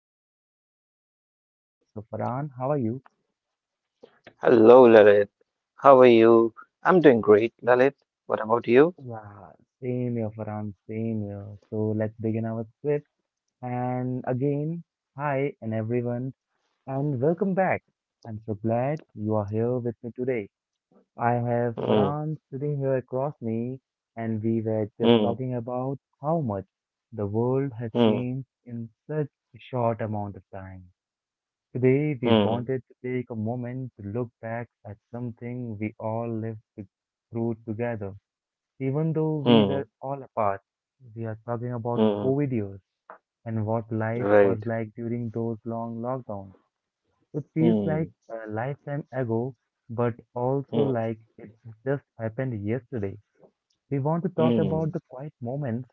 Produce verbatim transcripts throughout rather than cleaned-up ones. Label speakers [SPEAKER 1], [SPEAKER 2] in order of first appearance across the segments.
[SPEAKER 1] we have Farhan as co-host. So, Farhan, how are you?
[SPEAKER 2] Hello, Lalit. How are you? I'm doing great,
[SPEAKER 1] Y-
[SPEAKER 2] Lalit. What about you?
[SPEAKER 1] Yeah, same here, Farhan, same here. So, let's begin our script. And again, hi, and everyone, and welcome back. I'm so glad you are here with me today. I have
[SPEAKER 2] Hmm,
[SPEAKER 1] Farhan sitting here across me, and we were just
[SPEAKER 2] hmm,
[SPEAKER 1] talking about how much the world has
[SPEAKER 2] hmm,
[SPEAKER 1] changed in such a short amount of time. Today, we
[SPEAKER 2] hmm,
[SPEAKER 1] wanted to take a moment to look back at something we all lived to- through together. Even though
[SPEAKER 2] hmm,
[SPEAKER 1] we were all apart, we are talking about
[SPEAKER 2] hmm.
[SPEAKER 1] COVID years and what life
[SPEAKER 2] Right.
[SPEAKER 1] was like during those long lockdowns. It feels
[SPEAKER 2] Hmm,
[SPEAKER 1] like a lifetime ago, but also
[SPEAKER 2] hmm,
[SPEAKER 1] like it just happened yesterday. We want to talk
[SPEAKER 2] hmm,
[SPEAKER 1] about the quiet moments,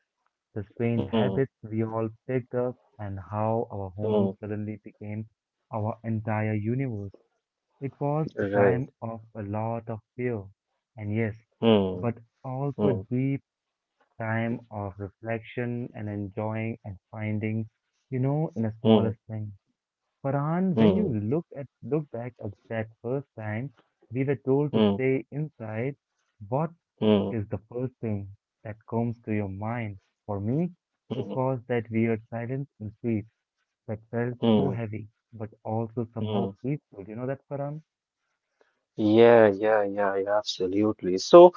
[SPEAKER 1] the strange
[SPEAKER 2] hmm,
[SPEAKER 1] habits we all picked up, and how our
[SPEAKER 2] hmm.
[SPEAKER 1] home suddenly became our entire universe. It was a
[SPEAKER 2] Right.
[SPEAKER 1] time of a lot of fear, and yes,
[SPEAKER 2] Hmm,
[SPEAKER 1] but also a
[SPEAKER 2] hmm,
[SPEAKER 1] deep time of reflection and enjoying and finding, you know, in the
[SPEAKER 2] hmm,
[SPEAKER 1] smallest things. Farhan, when you
[SPEAKER 2] hmm,
[SPEAKER 1] look at look back at that first time we were told to
[SPEAKER 2] hmm,
[SPEAKER 1] stay inside, what
[SPEAKER 2] hmm,
[SPEAKER 1] is the first thing that comes to your mind? For me, it
[SPEAKER 2] hmm,
[SPEAKER 1] was that weird silence in streets that felt so
[SPEAKER 2] hmm,
[SPEAKER 1] heavy, but also
[SPEAKER 2] hmm.
[SPEAKER 1] somehow peaceful. You know that, Farhan?
[SPEAKER 2] Yeah, yeah, yeah, yeah, absolutely. So,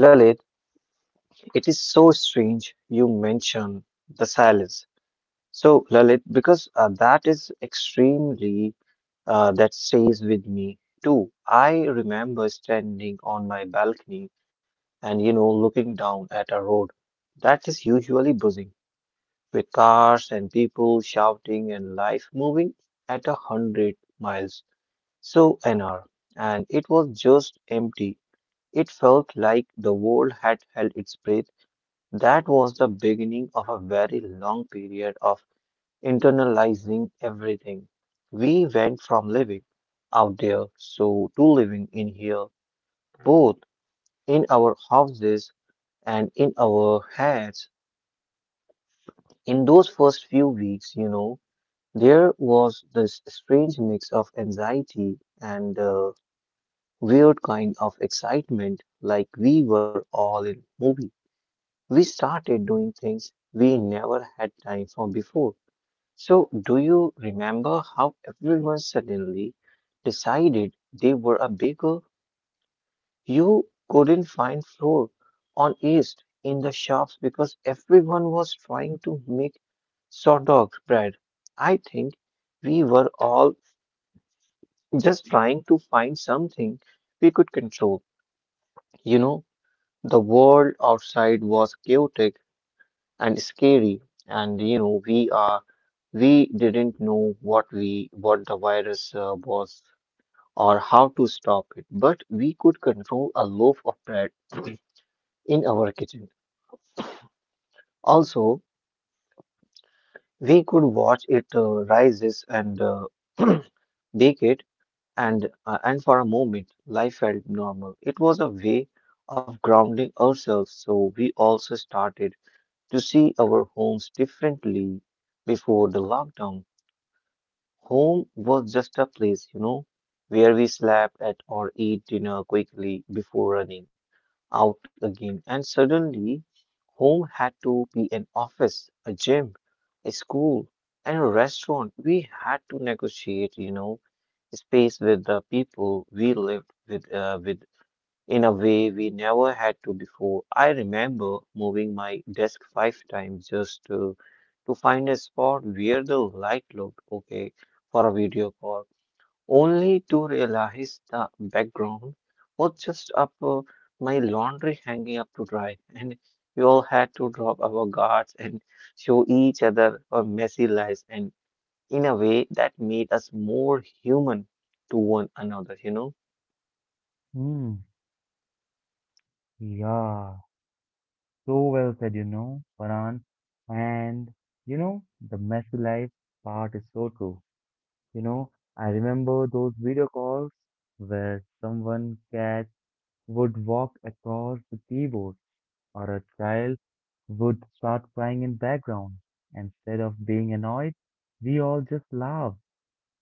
[SPEAKER 2] Lalit, it is so strange you mention the silence. So, Lalit, because uh, that is extremely uh, that stays with me too. I remember standing on my balcony and, you know, looking down at a road that is usually buzzing with cars and people shouting and life moving at a hundred miles so an hour. And it was just empty. It felt like the world had held its breath. That was the beginning of a very long period of internalizing everything. We went from living out there so to living in here, both in our houses and in our heads. In those first few weeks, you know, there was this strange mix of anxiety and uh, weird kind of excitement, like we were all in movie. We started doing things we never had time for before. So, do you remember how everyone suddenly decided they were a baker? You couldn't find flour on yeast in the shops because everyone was trying to make sourdough bread. I think we were all just trying to find something we could control. You know, the world outside was chaotic and scary, and you know, we are we didn't know what we what the virus uh, was or how to stop it, but we could control a loaf of bread in our kitchen. Also, we could watch it uh, rises and uh, bake it, and uh, and for a moment, life felt normal. It was a way of grounding ourselves, so we also started to see our homes differently before the lockdown. Home was just a place, you know, where we slept at or ate dinner quickly before running out again. And suddenly, home had to be an office, a gym, a school, and a restaurant. We had to negotiate, you know, space with the people we lived with, uh, with in a way we never had to before. I remember moving my desk five times just to, to find a spot where the light looked okay for a video call, only to realize the background was just up uh, my laundry hanging up to dry, and we all had to drop our guards and show each other our messy lives, and in a way that made us more human to one another, you know.
[SPEAKER 1] Hmm. Yeah. So well said, you know, Farhan. And you know, the messy life part is so true. You know, I remember those video calls where someone catch would walk across the keyboard, or a child would start crying in background. Instead of being annoyed, we all just laughed.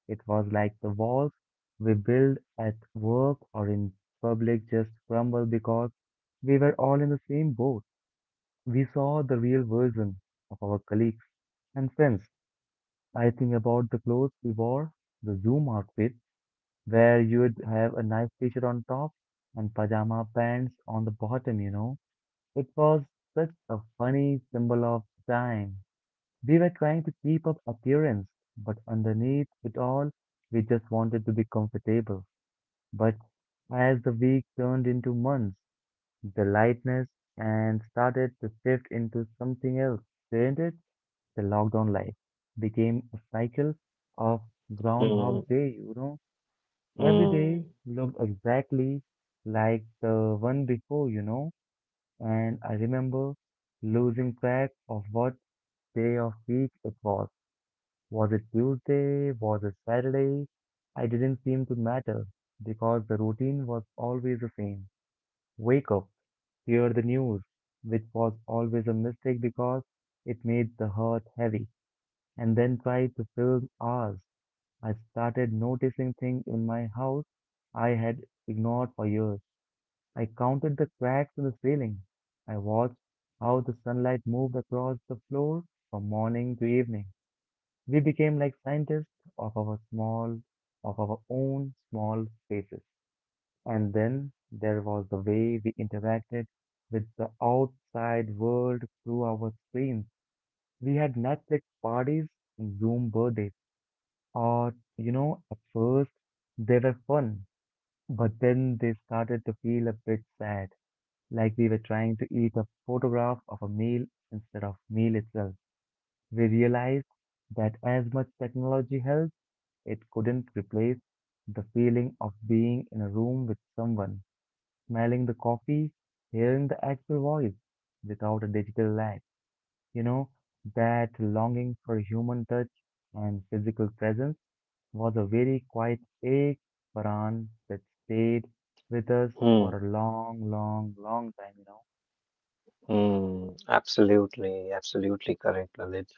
[SPEAKER 1] It was like the walls we build at work or in public just crumble because we were all in the same boat. We saw the real version of our colleagues and friends. I think about the clothes we wore, the Zoom outfit, where you'd have a nice t-shirt on top and pajama pants on the bottom, you know. It was such a funny symbol of time. We were trying to keep up appearance, but underneath it all, we just wanted to be comfortable. But as the week turned into months, the lightness and started to shift into something else, didn't it? The lockdown life became a cycle of Groundhog
[SPEAKER 2] Hmm,
[SPEAKER 1] Day, you know. Every day
[SPEAKER 2] hmm,
[SPEAKER 1] looked exactly like the one before, you know, and I remember losing track of what day of week it was. Was it Tuesday? Was it Saturday? I didn't seem to matter because the routine was always the same. Wake up, hear the news, which was always a mistake because it made the heart heavy, and then try to fill hours. I started noticing things in my house I had ignored for years. I counted the cracks in the ceiling. I watched how the sunlight moved across the floor from morning to evening. We became like scientists of our small, of our own small spaces. And then there was the way we interacted with the outside world through our screens. We had Netflix parties and Zoom birthdays. Or, you know, at first they were fun, but then they started to feel a bit sad like we were trying to eat a photograph of a meal instead of meal itself. We realized that as much technology helps, it couldn't replace the feeling of being in a room with someone, smelling the coffee, hearing the actual voice without a digital lag. You know, that longing for human touch and physical presence was a very quiet ache, Paran, that stayed with us for
[SPEAKER 2] hmm.
[SPEAKER 1] a long, long, long time, you know.
[SPEAKER 2] Mm, absolutely, absolutely correct, Lalit.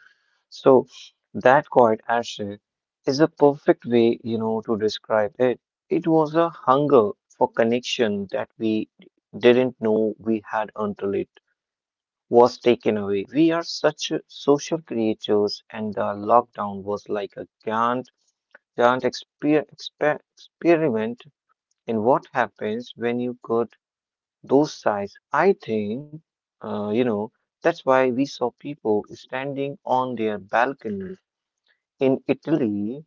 [SPEAKER 2] So that quiet ashtray is a perfect way, you know, to describe it. It was a hunger for connection that we didn't know we had until it was taken away. We are such social creatures, and the lockdown was like a grand, grand exper exper experiment in what happens when you go those sites. I think, uh, you know, that's why we saw people standing on their balconies in Italy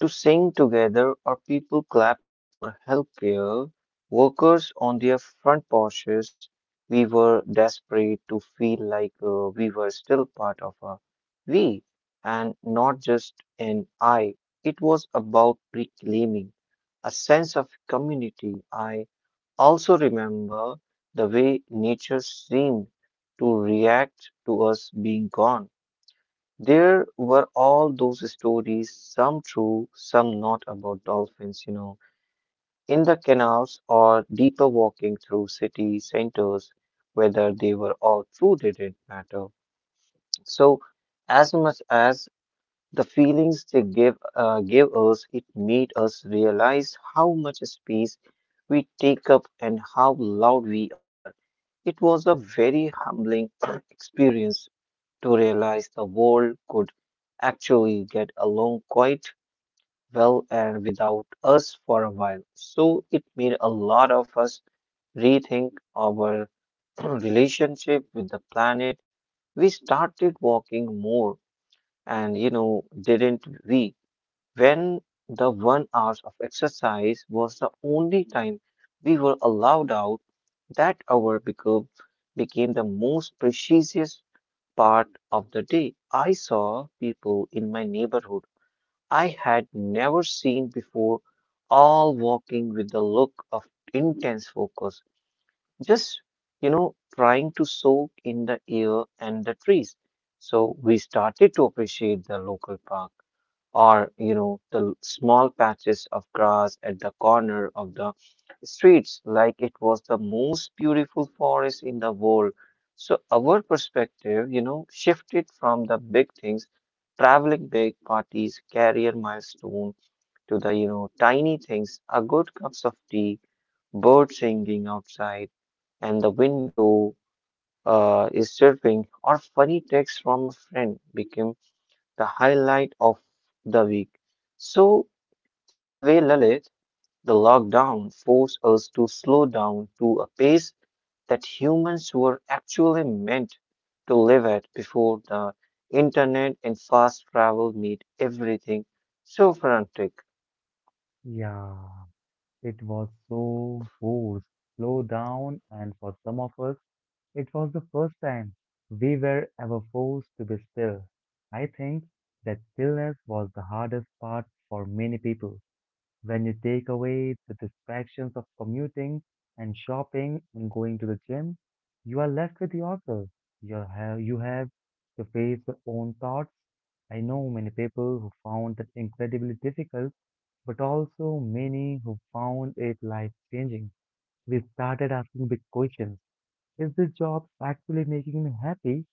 [SPEAKER 2] to sing together, or people clapping for healthcare workers on their front porches. We were desperate to feel like uh, we were still part of a we and not just an I. It was about reclaiming a sense of community. I also, remember the way nature seemed to react to us being gone. There were all those stories, some true, some not, about dolphins, you know, in the canals or deeper walking through city centers. Whether they were all true didn't matter. So, as much as the feelings they gave, uh, gave us, it made us realize how much space we take up and how loud we are. It was a very humbling experience to realize the world could actually get along quite well and without us for a while. So it made a lot of us rethink our relationship with the planet. We started walking more, and you know, didn't we? When the one hour of exercise was the only time we were allowed out, that hour became, became the most precious part of the day. I saw people in my neighborhood I had never seen before, all walking with the look of intense focus, just, you know, trying to soak in the air and the trees. So we started to appreciate the local park, or you know, the small patches of grass at the corner of the streets, like it was the most beautiful forest in the world. So our perspective, you know, shifted from the big things, traveling, big parties, career milestone, to the, you know, tiny things. A good cups of tea, bird singing outside and the window uh, is chirping, or funny text from a friend became the highlight of the week. So in a way, Lalit, the lockdown forced us to slow down to a pace that humans were actually meant to live at before the internet and fast travel made everything so frantic.
[SPEAKER 1] Yeah. It was so forced, slow down, and for some of us, it was the first time we were ever forced to be still. I think that stillness was the hardest part for many people. When you take away the distractions of commuting and shopping and going to the gym, you are left with yourself. You have, you have to face your own thoughts. I know many people who found that incredibly difficult but also many who found it life changing. We started asking big questions. Is this job actually making me happy?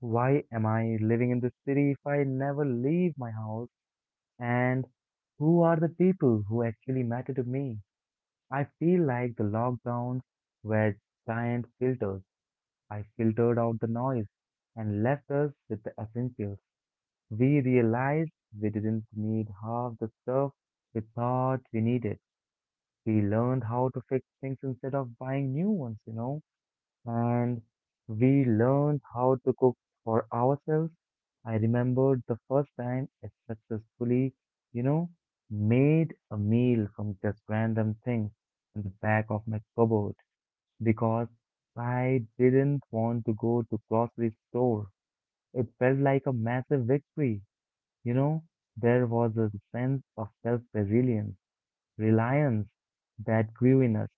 [SPEAKER 1] Why am I living in this city if I never leave my house? And who are the people who actually matter to me? I feel like the lockdowns were giant filters. I filtered out the noise and left us with the essentials. We realized we didn't need half the stuff we thought we needed. We learned how to fix things instead of buying new ones, you know, and we learned how to cook for ourselves. I remembered the first time I successfully, you know, made a meal from just random things in the back of my cupboard because I didn't want to go to grocery store. It felt like a massive victory, you know. There was a sense of self-resilience, reliance that grew in us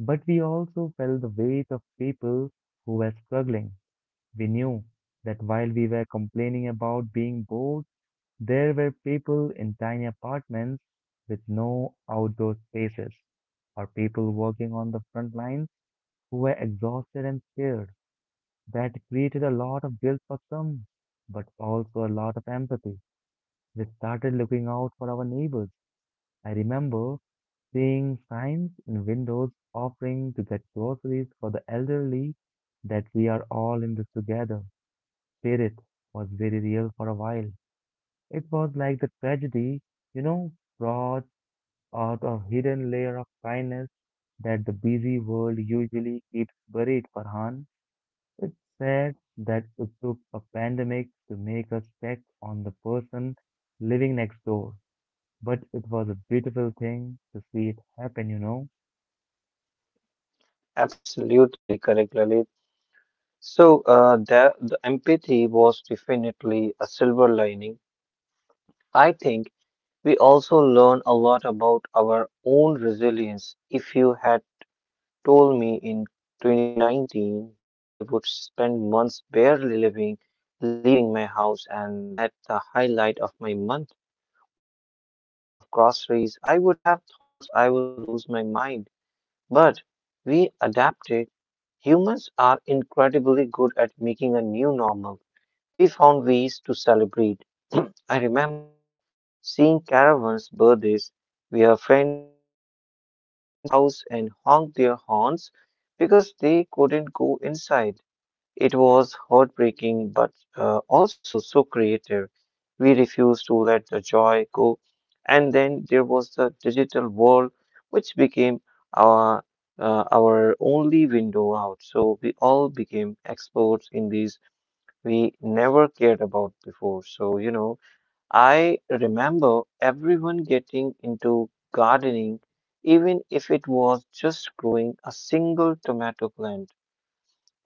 [SPEAKER 1] but we also felt the weight of people who were struggling. We knew that while we were complaining about being bored, there were people in tiny apartments with no outdoor spaces, or people working on the front lines who were exhausted and scared. That created a lot of guilt for some, but also a lot of empathy. We started looking out for our neighbors. I remember seeing signs in windows offering to get groceries for the elderly. That we are all in this together spirit was very real for a while. It was like the tragedy, you know, brought out a hidden layer of kindness that the busy world usually keeps buried, Farhan. It's sad that it took a pandemic to make us check on the person living next door, but it was a beautiful thing to see it happen, you know.
[SPEAKER 2] Absolutely correct, Lalit. So, uh, the, the empathy was definitely a silver lining. I think we also learn a lot about our own resilience. If you had told me in twenty nineteen that I would spend months barely living, leaving my house, and that the highlight of my month would be a delivery of groceries, I would have thought I would lose my mind. But we adapted. Humans are incredibly good at making a new normal. We found ways to celebrate. I remember seeing caravans' birthdays where friends would drive past a house and honk their horns because they couldn't go inside. It was heartbreaking but uh, also so creative. We refused to let the joy go. And then there was the digital world, which became our uh, our only window out. So we all became experts in these we never cared about before. So, you know, I remember everyone getting into gardening, even if it was just growing a single tomato plant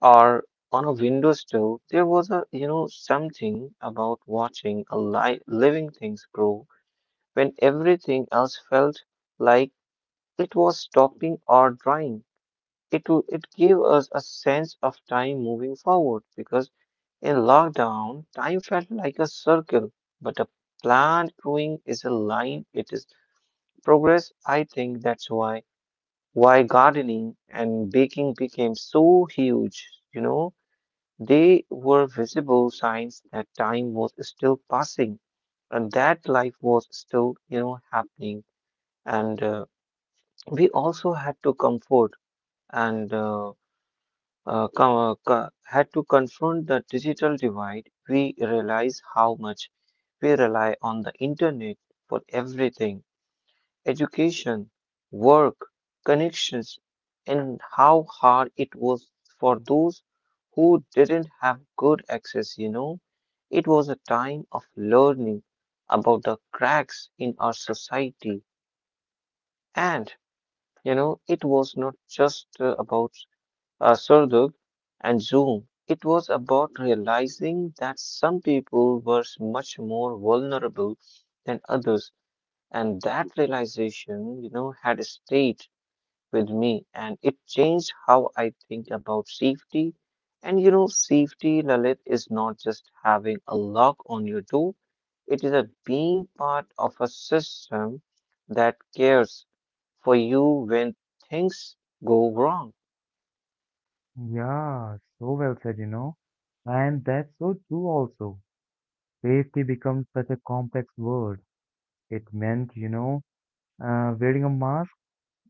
[SPEAKER 2] or on a window sill. There was a, you know, something about watching a li living things grow when everything else felt like it was stopping or drying. It, w- it gave us a sense of time moving forward because in lockdown, time felt like a circle, but a plant growing is a line. It is progress. I think that's why why gardening and baking became so huge. You know, they were visible signs that time was still passing and that life was still, you know, happening. And uh, We also had to comfort and uh, uh, co- uh, co- had to confront the digital divide. We realize how much we rely on the internet for everything, education, work, connections, and how hard it was for those who didn't have good access. You know, it was a time of learning about the cracks in our society, and you know, it was not just uh, about uh, Surduk and Zoom. It was about realizing that some people were much more vulnerable than others, and that realization, you know, had stayed with me, and it changed how I think about safety. And you know, safety, Lalit, is not just having a lock on your door; it is a being part of a system that cares for you when things go wrong.
[SPEAKER 1] Yeah, so well said, you know. And that's so true also. Safety becomes such a complex word. It meant, you know, uh, wearing a mask.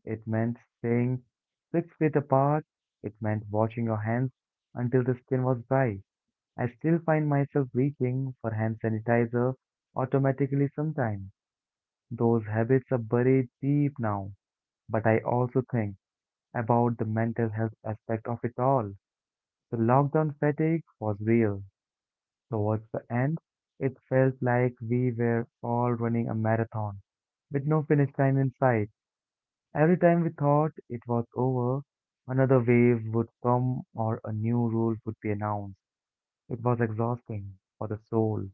[SPEAKER 1] It meant staying six feet apart. It meant washing your hands until the skin was dry. I still find myself reaching for hand sanitizer automatically sometimes. Those habits are buried deep now. But I also think about the mental health aspect of it all. The lockdown fatigue was real. Towards the end, it felt like we were all running a marathon with no finish line in sight. Every time we thought it was over, another wave would come or a new rule would be announced. It was exhausting for the soul.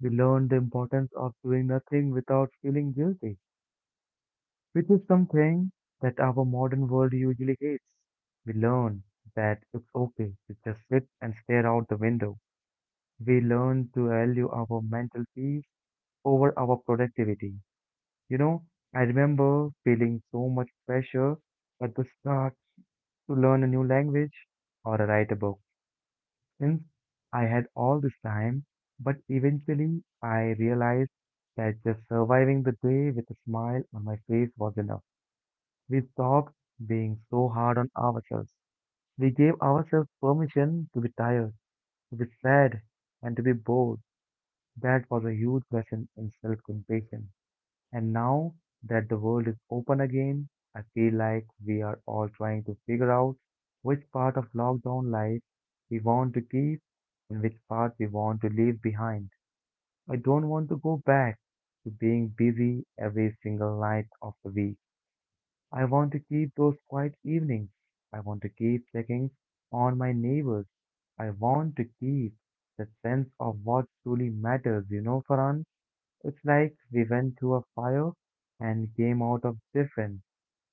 [SPEAKER 1] We learned the importance of doing nothing without feeling guilty, which is something that our modern world usually hates. We learned that it's okay to just sit and stare out the window. We learned to value our mental peace over our productivity. You know, I remember feeling so much pressure at the start to learn a new language or write a book since I had all this time, but eventually I realized that just surviving the day with a smile on my face was enough. We stopped being so hard on ourselves. We gave ourselves permission to be tired, to be sad, and to be bored. That was a huge lesson in self compassion. And now that the world is open again, I feel like we are all trying to figure out which part of lockdown life we want to keep and which part we want to leave behind. I don't want to go back to being busy every single night of the week. I want to keep those quiet evenings. I want to keep checking on my neighbors. I want to keep the sense of what truly matters, you know, Farhan? It's like we went through a fire and came out of different.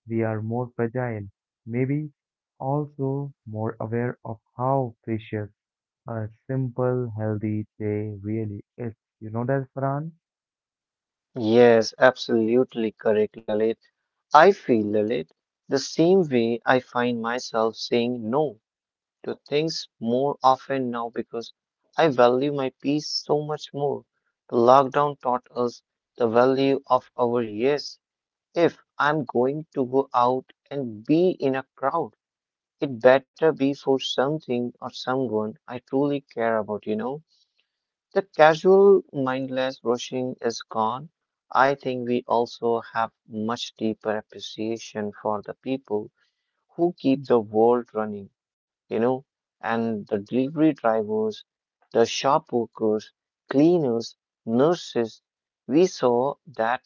[SPEAKER 1] We are more fragile, maybe also more aware of how precious a simple, healthy day really is. You know that, Farhan?
[SPEAKER 2] Yes, absolutely correct, Lalit. I feel, Lalit, the same way. I find myself saying no to things more often now because I value my peace so much more. The lockdown taught us the value of our yes. If I'm going to go out and be in a crowd, it better be for something or someone I truly care about, you know? The casual, mindless rushing is gone. I think we also have much deeper appreciation for the people who keep the world running, you know, and the delivery drivers, the shop workers, cleaners, nurses. We saw that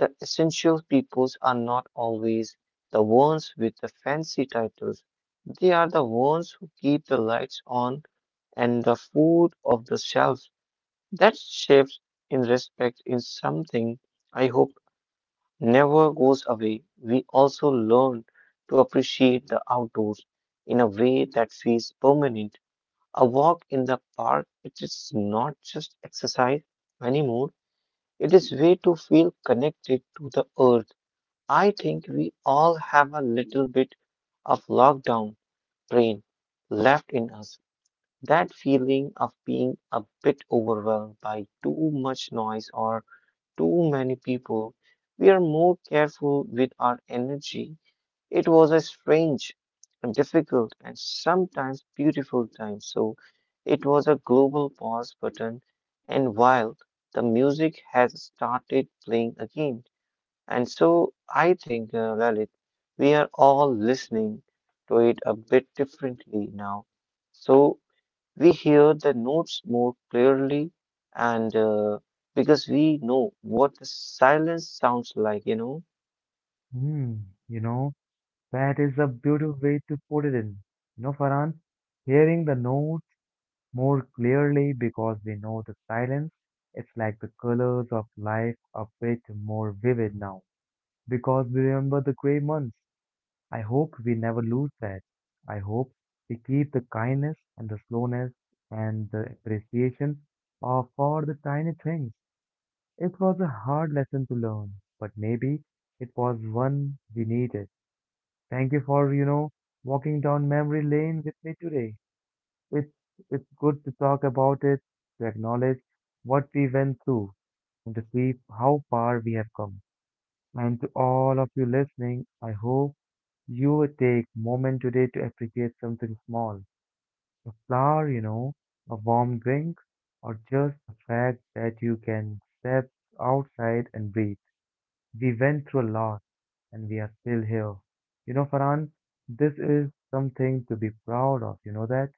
[SPEAKER 2] the essential peoples are not always the ones with the fancy titles. They are the ones who keep the lights on and the food off the shelf. That shift in respect is something I hope never goes away. We also learn to appreciate the outdoors in a way that feels permanent. A walk in the park, it is not just exercise anymore. It is way to feel connected to the earth. I think we all have a little bit of lockdown brain left in us. That feeling of being a bit overwhelmed by too much noise or too many people. We are more careful with our energy. It was a strange and difficult and sometimes beautiful time. So it was a global pause button. And while the music has started playing again, and so I think, uh, Lalit, we are all listening to it a bit differently now. So we hear the notes more clearly, and uh, because we know what the silence sounds like, you know.
[SPEAKER 1] Hmm, you know, that is a beautiful way to put it in. You know, Farhan, hearing the notes more clearly because we know the silence, it's like the colors of life are bit more vivid now because we remember the gray months. I hope we never lose that. I hope we keep the kindness and the slowness and the appreciation of for the tiny things. It was a hard lesson to learn, but maybe it was one we needed. Thank you for, you know, walking down memory lane with me today. It's it's good to talk about it, to acknowledge what we went through, and to see how far we have come. And to all of you listening, I hope you take moment today to appreciate something small, a flower, you know, a warm drink, or just the fact that you can step outside and breathe. We went through a lot and we are still here. You know, Farhan, this is something to be proud of, you know that?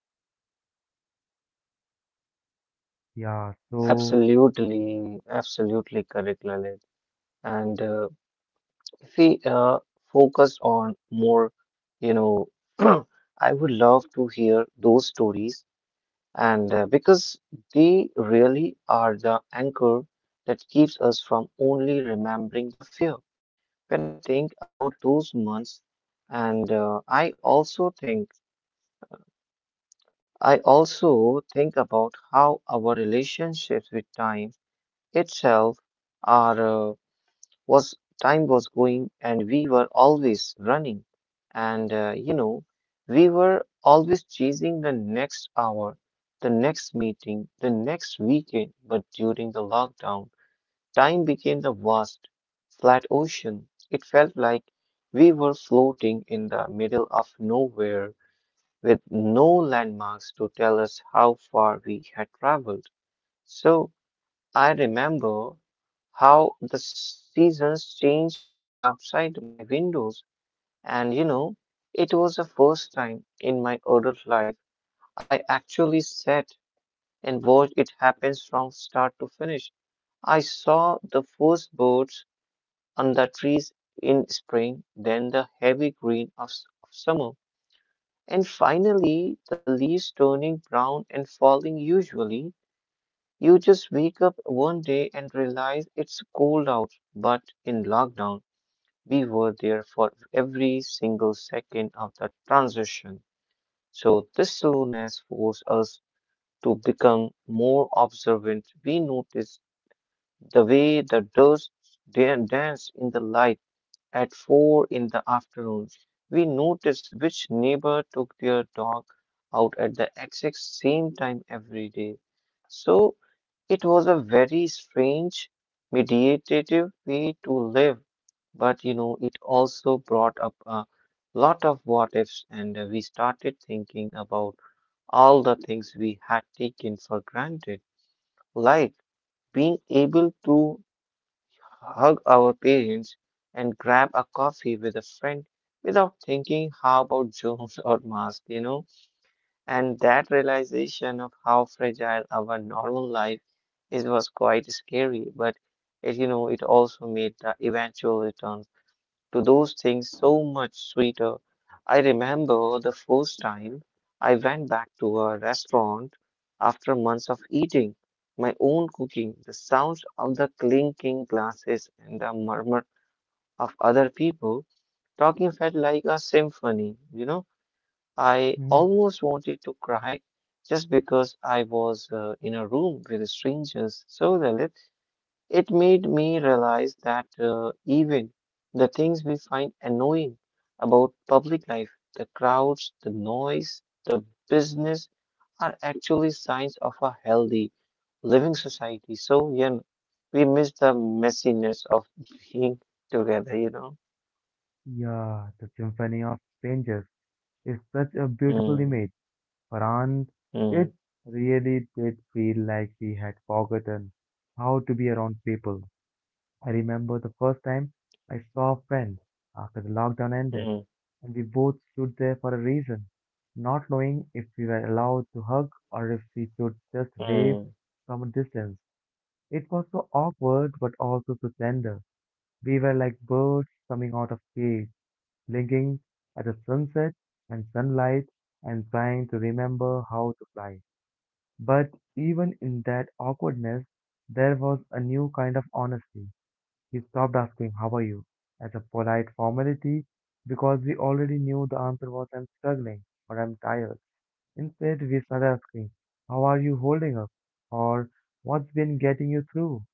[SPEAKER 1] Yeah, so,
[SPEAKER 2] Absolutely, absolutely correct, Lalit. And uh, if we uh, focus on more, you know, I would love to hear those stories, and uh, because they really are the anchor that keeps us from only remembering the fear. When I think about those months, and uh, I also think I also think about how our relationships with time itself are uh, was time was going and we were always running and uh, you know we were always chasing the next hour, the next meeting, the next weekend. But during the lockdown, time became the vast flat ocean. It felt like we were floating in the middle of nowhere with no landmarks to tell us how far we had traveled. So I remember how the seasons changed right outside my windows. And you know, it was the first time in my adult life I actually sat and watched it happen from start to finish. I saw the first birds on the trees in spring, then the heavy green of, s- of summer. And finally, the leaves turning brown and falling usually. You just wake up one day and realize it's cold out. But in lockdown, we were there for every single second of the transition. So this slowness forced us to become more observant. We noticed the way the dust dan- danced in the light at four in the afternoon. We notice which neighbor took their dog out at the exact same time every day. So it was a very strange, meditative way to live. But you know, it also brought up a lot of what ifs, and uh, we started thinking about all the things we had taken for granted, like being able to hug our parents, and grab a coffee with a friend without thinking how about germs or masks, you know? And that realization of how fragile our normal life is was quite scary, but it, you know, it also made the eventual return to those things so much sweeter. I remember the first time I went back to a restaurant after months of eating my own cooking. The sounds of the clinking glasses and the murmur of other people talking felt like a symphony. You know, I
[SPEAKER 1] mm,
[SPEAKER 2] almost wanted to cry just because I was uh, in a room with strangers. So the it made me realize that uh, even the things we find annoying about public life, the crowds, the noise, the business, are actually signs of a healthy living society. So, yeah, we miss the messiness of being together, you know?
[SPEAKER 1] yeah, the symphony of strangers is such a beautiful
[SPEAKER 2] Hmm.
[SPEAKER 1] image. Farhan,
[SPEAKER 2] Hmm.
[SPEAKER 1] it really did feel like we had forgotten how to be around people. I remember the first time I saw friends after the lockdown ended,
[SPEAKER 2] hmm,
[SPEAKER 1] and we both stood there for a reason, not knowing if we were allowed to hug or if we should just
[SPEAKER 2] hmm,
[SPEAKER 1] wave from a distance. It was so awkward but also so tender. We were like birds coming out of cage, blinking at the sunset and sunlight and trying to remember how to fly. But even in that awkwardness, there was a new kind of honesty. He stopped asking, How are you? As a polite formality because we already knew the answer was, I'm struggling or I'm tired. Instead, we started asking, How are you holding up? Or What's been getting you through?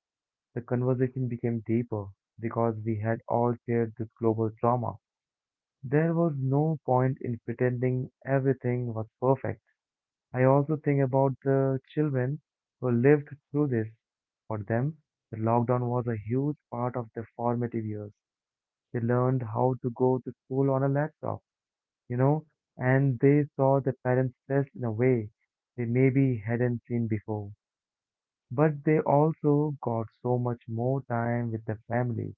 [SPEAKER 1] The conversation became deeper because we had all shared this global trauma. There was no point in pretending everything was perfect. I also think about the children who lived through this. For them, the lockdown was a huge part of their formative years. They learned how to go to school on a laptop, you know, and they saw their parents stressed in a way they maybe hadn't seen before. But they also got so much more time with their families.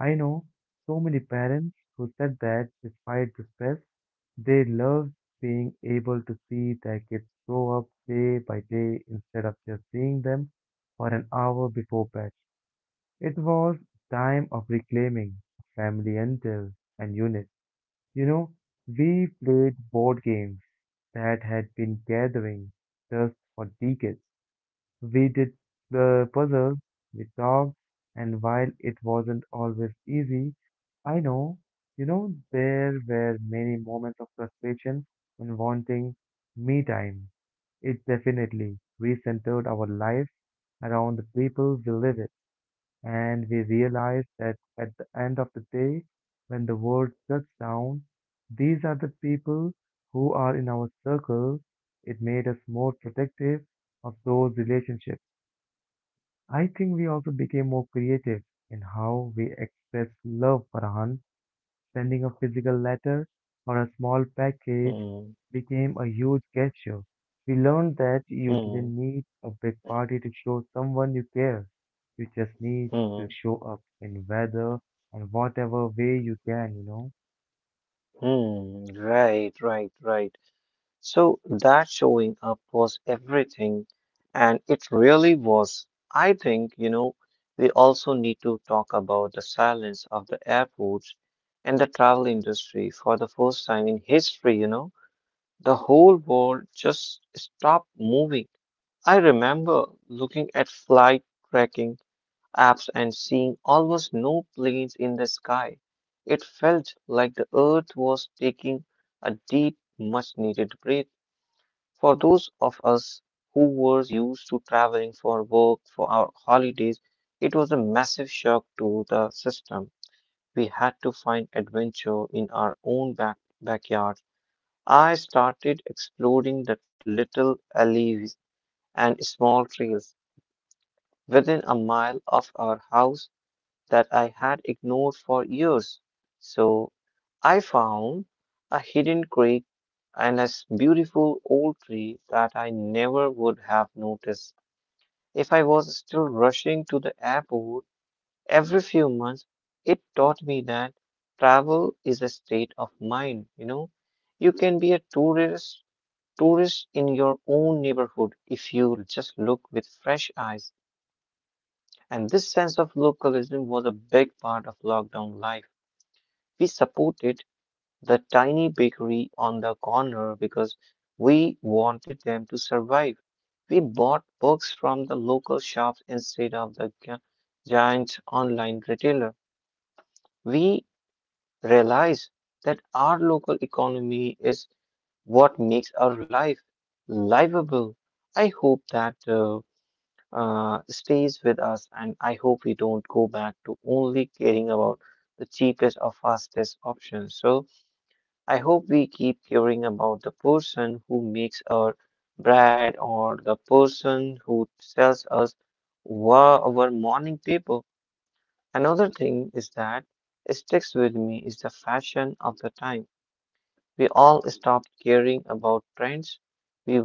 [SPEAKER 1] I know so many parents who said that despite the stress, they love being able to see their kids grow up day by day instead of just seeing them for an hour before bed. It was time of reclaiming family until and unit. You know, we played board games that had been gathering dust for decades. We did the puzzles with dogs, and while it wasn't always easy, I know, you know, there were many moments of frustration and wanting me time. It definitely recentered our lives around the people we live with, and we realized that at the end of the day, when the world shuts down, these are the people who are in our circle. It made us more protective of those relationships. I think we also became more creative in how we express love, Farhan. Sending a physical letter or a small package
[SPEAKER 2] hmm,
[SPEAKER 1] became a huge gesture. We learned that you
[SPEAKER 2] hmm,
[SPEAKER 1] didn't need a big party to show someone you care. You just need to
[SPEAKER 2] hmm,
[SPEAKER 1] show up in whether and whatever way you can, you know.
[SPEAKER 2] hmm. Right, right, right. So that showing up was everything, and it really was. I think, you know, we also need to talk about the silence of the airports and the travel industry for the first time in history, you know. The whole world just stopped moving. I remember looking at flight tracking apps and seeing almost no planes in the sky. It felt like the earth was taking a deep, much needed breath. For those of us who were used to traveling for work, for our holidays, it was a massive shock to the system. We had to find adventure in our own back, backyard. I started exploring the little alleys and small trails within a mile of our house that I had ignored for years. So I found a hidden creek and a s- beautiful old tree that I never would have noticed if I was still rushing to the airport every few months. It taught me that travel is a state of mind, you know. You can be a tourist tourist in your own neighborhood if you just look with fresh eyes. And this sense of localism was a big part of lockdown life. We supported the tiny bakery on the corner because we wanted them to survive. We bought books from the local shops instead of the gi- giant online retailer. We realized that our local economy is what makes our life livable. I hope that uh, uh, stays with us, and I hope we don't go back to only caring about the cheapest or fastest option. So, I hope we keep caring about the person who makes our bread or the person who sells us wa- our morning paper. Another thing is that sticks with me is the fashion of the time. We all stopped caring about trends. We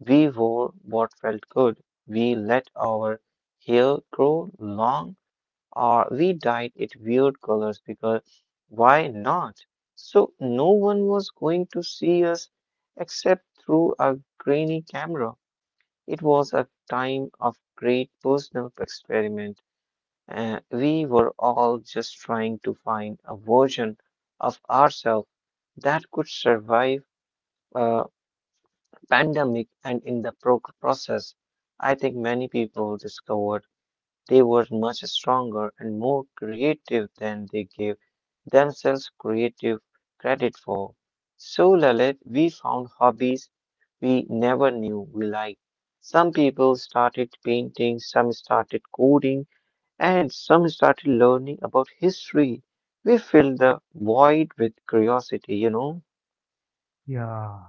[SPEAKER 2] we wore what felt good. We let our hair grow long or we dyed it weird colors because why not? So no one was going to see us except through a grainy camera. It was a time of great personal experiment, and we were all just trying to find a version of ourselves that could survive a pandemic and in the pro- process. I think many people discovered they were much stronger and more creative than they gave themselves creative credit for. So, Lalit, we found hobbies we never knew we liked. Some people started painting, some started coding, and some started learning about history. We filled the void with curiosity, you know?
[SPEAKER 1] Yeah,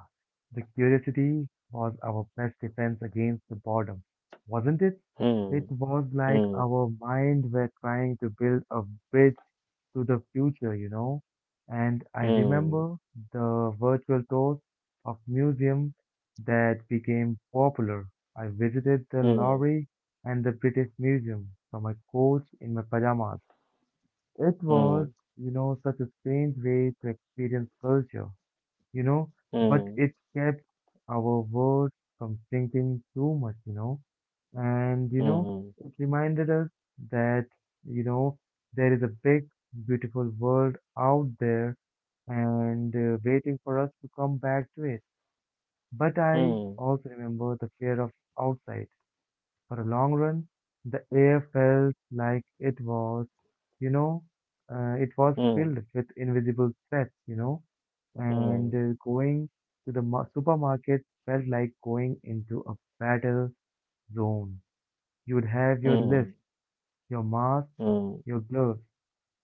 [SPEAKER 1] the curiosity was our best defense against the boredom, wasn't it? It
[SPEAKER 2] Hmm.
[SPEAKER 1] was like
[SPEAKER 2] hmm,
[SPEAKER 1] our mind were trying to build a bridge to the future, you know? And I
[SPEAKER 2] hmm,
[SPEAKER 1] remember the virtual tours of museums that became popular. I visited the Louvre and the British Museum from a coach in my pajamas. It was,
[SPEAKER 2] hmm,
[SPEAKER 1] you know, such a strange way to experience culture you know, but
[SPEAKER 2] hmm,
[SPEAKER 1] it kept our world from sinking too much, you know. And, you know,
[SPEAKER 2] hmm,
[SPEAKER 1] it reminded us that, you know, there is a big, beautiful world out there and uh, waiting for us to come back to it. But
[SPEAKER 2] hmm,
[SPEAKER 1] I
[SPEAKER 2] hmm,
[SPEAKER 1] also remember the fear of outside. For a long run, the air felt like it was, you know, uh, it was
[SPEAKER 2] hmm,
[SPEAKER 1] filled with invisible threats, you know, and
[SPEAKER 2] hmm,
[SPEAKER 1] uh, going to the ma- supermarket felt like going into a battle zone. You would have
[SPEAKER 2] hmm.
[SPEAKER 1] your list,
[SPEAKER 2] hmm.
[SPEAKER 1] your mask,
[SPEAKER 2] hmm.
[SPEAKER 1] your gloves,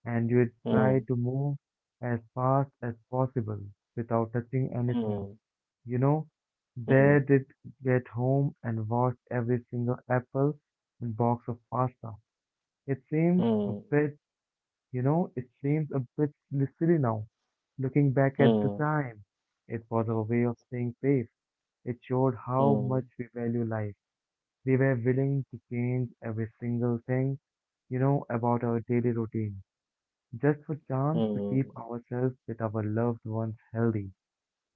[SPEAKER 1] and you would try
[SPEAKER 2] Mm,
[SPEAKER 1] to move as fast as possible without touching anything.
[SPEAKER 2] mm,
[SPEAKER 1] You know,
[SPEAKER 2] mm,
[SPEAKER 1] there did get home and washed every single apple and box of pasta it seems a
[SPEAKER 2] mm,
[SPEAKER 1] bit, you know, it seems a bit silly now. Looking back at the
[SPEAKER 2] mm,
[SPEAKER 1] time, it was our way of staying safe. It showed how
[SPEAKER 2] mm,
[SPEAKER 1] much we value life. We were willing to change every single thing, you know, about our daily routine, just for chance to keep
[SPEAKER 2] mm.
[SPEAKER 1] ourselves with our loved ones healthy.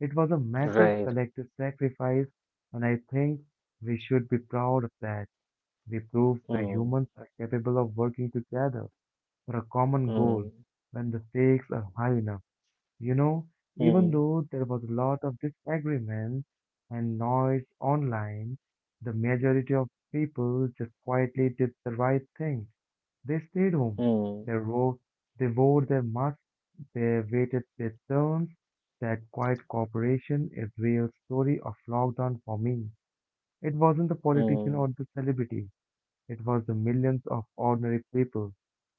[SPEAKER 1] It was a massive
[SPEAKER 2] Right.
[SPEAKER 1] collective sacrifice, and I think we should be proud of that. We proved that
[SPEAKER 2] Mm,
[SPEAKER 1] humans are capable of working together for a common goal
[SPEAKER 2] mm,
[SPEAKER 1] when the stakes are high enough. You know, even
[SPEAKER 2] mm,
[SPEAKER 1] though there was a lot of disagreement and noise online, the majority of people just quietly did the right thing. They stayed home.
[SPEAKER 2] mm,
[SPEAKER 1] They wrote, they wore their masks, they waited their turns. That quiet cooperation is real story of lockdown for me. It wasn't the politician
[SPEAKER 2] mm,
[SPEAKER 1] or the celebrity. It was the millions of ordinary people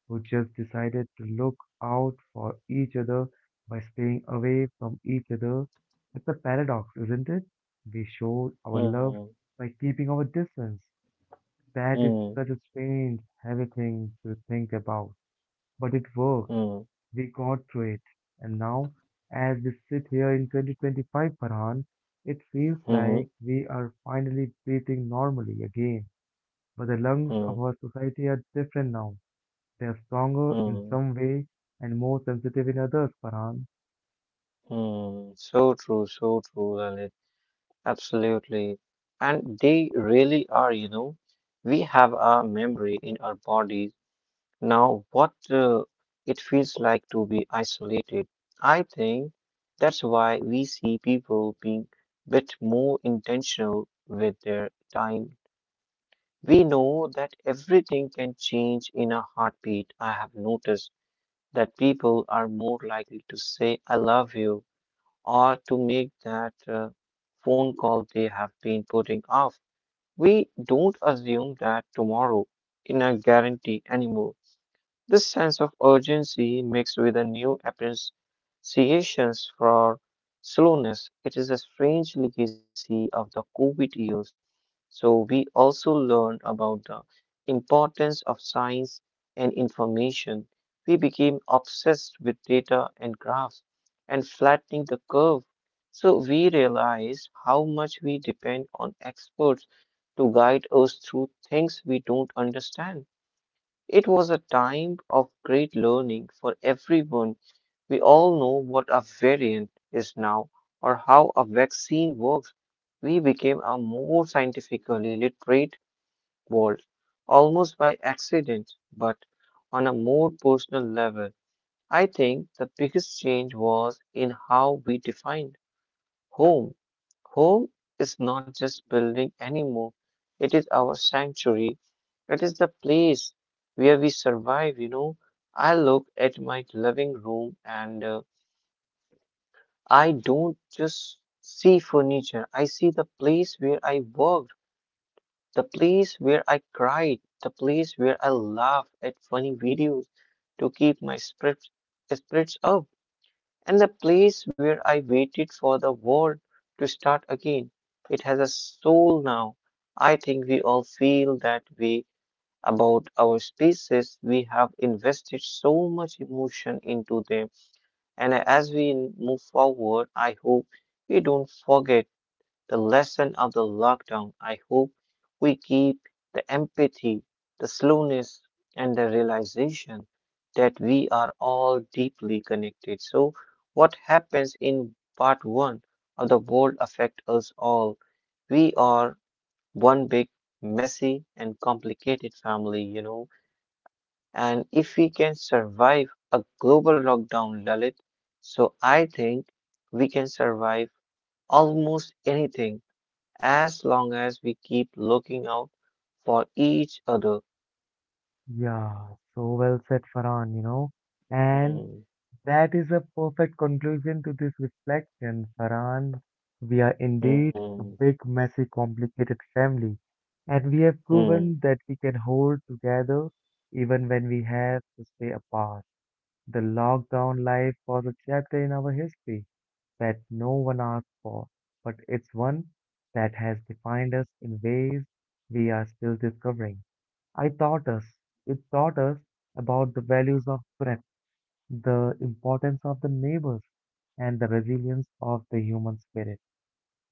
[SPEAKER 1] who just decided to look out for each other by staying away from each other. It's a paradox, isn't it? We showed our love
[SPEAKER 2] mm,
[SPEAKER 1] by keeping our distance. That is
[SPEAKER 2] mm,
[SPEAKER 1] such a strange, heavy thing to think about. But it worked.
[SPEAKER 2] mm,
[SPEAKER 1] We got through it. And now, as we sit here in twenty twenty-five, Farhan, it feels
[SPEAKER 2] mhm,
[SPEAKER 1] like we are finally breathing normally again. But the lungs of
[SPEAKER 2] mm,
[SPEAKER 1] our society are different now. They are stronger in
[SPEAKER 2] mm,
[SPEAKER 1] some way and more sensitive in others, Farhan.
[SPEAKER 2] mm. So true, so true, Lalit. Absolutely. And they really are, you know. We have a memory in our body now, what uh, it feels like to be isolated. I think that's why we see people being bit more intentional with their time. We know that everything can change in a heartbeat. I have noticed that people are more likely to say, I love you, or to make that uh, phone call they have been putting off. We don't assume that tomorrow in a guarantee anymore. This sense of urgency mixed with a new appreciation for slowness, it is a strange legacy of the COVID years. So we also learn about the importance of science and information. We became obsessed with data and graphs and flattening the curve. So we realize how much we depend on experts to guide us through things we don't understand. It was a time of great learning for everyone. We all know what a variant is now or how a vaccine works. We became a more scientifically literate world, almost by accident, but on a more personal level. I think the biggest change was in how we defined home. Home is not just building anymore. It is our sanctuary. It is the place where we survive, you know. I look at my living room and uh, I don't just see furniture. I see the place where I worked, the place where I cried, the place where I laughed at funny videos to keep my spirits spirits up, and the place where I waited for the world to start again. It has a soul now. I think we all feel that way about our spaces. We have invested so much emotion into them, and as we move forward, I hope we don't forget the lesson of the lockdown. I hope we keep the empathy, the slowness, and the realization that we are all deeply connected. So, what happens in part one of the world affect us all. We are one big, messy, and complicated family, you know. And if we can survive a global lockdown, Lalit, so I think we can survive almost anything as long as we keep looking out for each other.
[SPEAKER 1] Yeah, so well said, Farhan, you know. And
[SPEAKER 2] Hmm.
[SPEAKER 1] that is a perfect conclusion to this reflection, Farhan. We are indeed
[SPEAKER 2] hmm,
[SPEAKER 1] a big, messy, complicated family, and we have
[SPEAKER 2] hmm,
[SPEAKER 1] proven that we can hold together even when we have to stay apart. The lockdown life was a chapter in our history, that no one asked for, but it's one that has defined us in ways we are still discovering. I taught us, it taught us about the values of breath, the importance of the neighbors, and the resilience of the human spirit.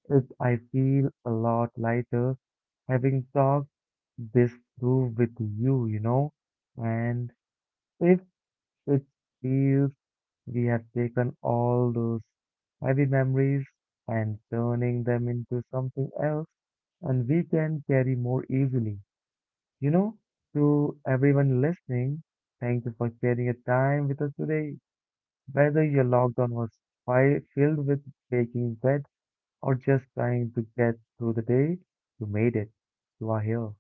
[SPEAKER 1] It, I feel a lot lighter having talked this through with you, you know, and if it feels we have taken all those heavy memories and turning them into something else and we can carry more easily. You know, to everyone listening, thank you for sharing your time with us today. Whether your lockdown was fi- filled with baking bread or just trying to get through the day, you made it. You are here.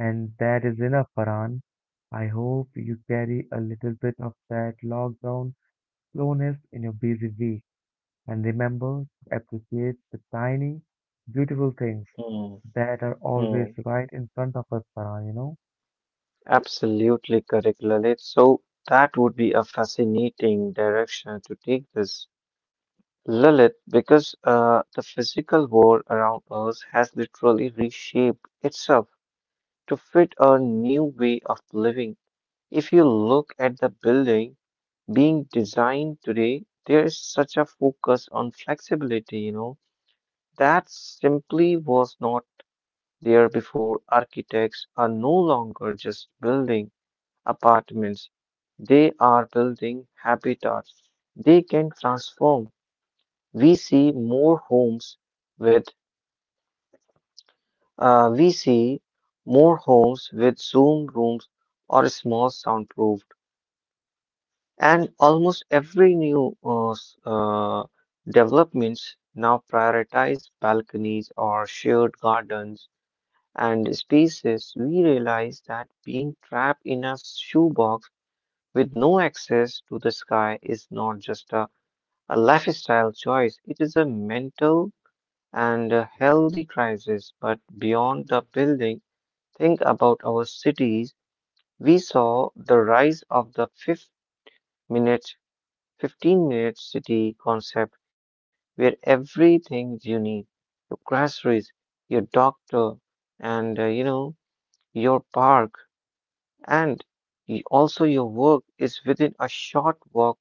[SPEAKER 1] And that is enough, Farhan. I hope you carry a little bit of that lockdown slowness in your busy week and remember to appreciate the tiny, beautiful things
[SPEAKER 2] hmm,
[SPEAKER 1] that are
[SPEAKER 2] hmm.
[SPEAKER 1] always right in front of us, Farhan, you know?
[SPEAKER 2] Absolutely correct, Lalit. So that would be a fascinating direction to take this, Lalit, because uh, the physical world around us has literally reshaped itself to fit a new way of living. If you look at the building being designed today, there is such a focus on flexibility, you know, that simply was not there before. Architects are no longer just building apartments, they are building habitats they can transform. We see more homes with uh, we see more homes with Zoom rooms or small soundproofed, and almost every new uh, s- uh, developments now prioritize balconies or shared gardens and spaces. We realize that being trapped in a shoebox with no access to the sky is not just a, a lifestyle choice, it is a mental and a healthy crisis. But beyond the building, think about our cities. We saw the rise of the fifth minute, fifteen minute city concept where everything you need, your groceries, your doctor, and uh, you know, your park, and y- also, your work is within a short walk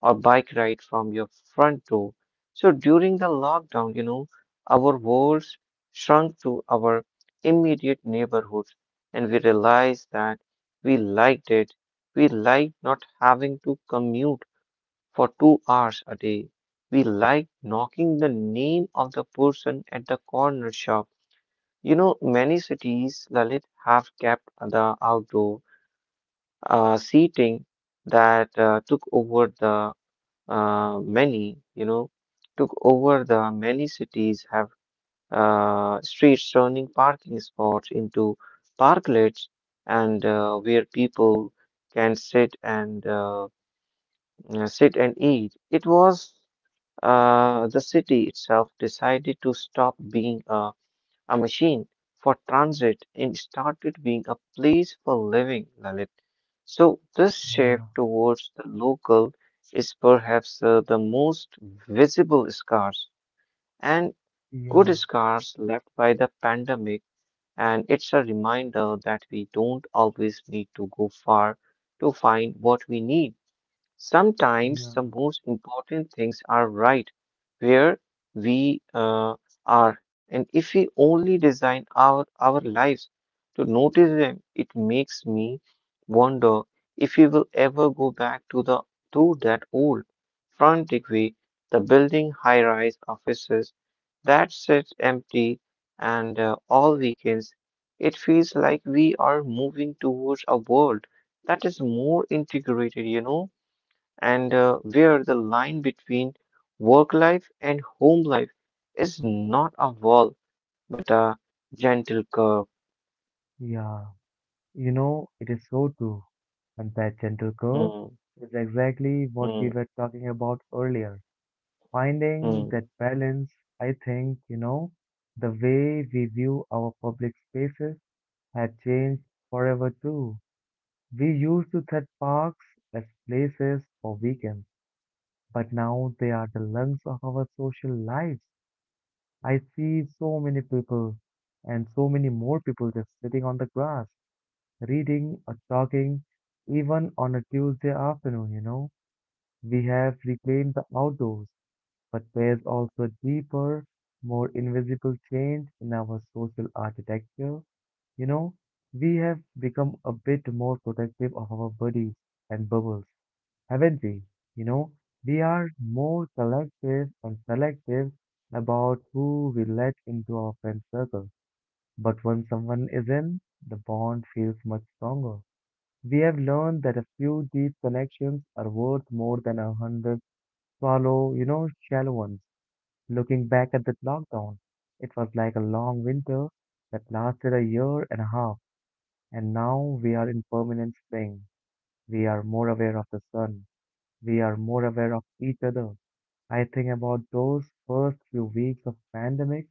[SPEAKER 2] or bike ride from your front door. So, during the lockdown, you know, our worlds shrunk to our immediate neighborhoods, and we realized that we liked it. We liked not having to commute for two hours a day. We liked knocking the name of the person at the corner shop. You know, many cities, Lalit, have kept the outdoor uh, seating that uh, took over the uh, many, you know, took over the many cities have uh, streets turning parking spots into parklets and uh, where people can sit and uh, uh, sit and eat. It was uh, the city itself decided to stop being a a machine for transit and started being a place for living, Lalit. So, this shift
[SPEAKER 1] Yeah,
[SPEAKER 2] towards the local is perhaps uh, the most visible scars and good
[SPEAKER 1] yeah,
[SPEAKER 2] scars left by the pandemic, and it's a reminder that we don't always need to go far to find what we need. Sometimes the
[SPEAKER 1] yeah,
[SPEAKER 2] most important things are right where we uh, are, and if we only design our, our lives to notice them. It makes me wonder if we will ever go back to the to that old frantic way, the building high-rise offices that sits empty and uh, all weekends. It feels like we are moving towards a world that is more integrated, you know and uh, where the line between work life and home life is not a wall but a gentle curve.
[SPEAKER 1] yeah. You know, it is so true. And that gentle curve
[SPEAKER 2] Hmm,
[SPEAKER 1] is exactly what we
[SPEAKER 2] hmm,
[SPEAKER 1] were talking about earlier. Finding
[SPEAKER 2] hmm,
[SPEAKER 1] that balance, I think, you know, the way we view our public spaces had changed forever too. We used to set parks as places for weekends, but now they are the lungs of our social lives. I see so many people and so many more people just sitting on the grass, reading or talking, even on a Tuesday afternoon, you know. We have reclaimed the outdoors, but there's also a deeper, more invisible change in our social architecture, you know. We have become a bit more protective of our bodies and bubbles, haven't we? You know, we are more selective and selective about who we let into our friend circle. But when someone is in, the bond feels much stronger. We have learned that a few deep connections are worth more than a hundred swallow, you know, shallow ones. Looking back at that lockdown, it was like a long winter that lasted a year and a half. And now we are in permanent spring. We are more aware of the sun. We are more aware of each other. I think about those first few weeks of pandemic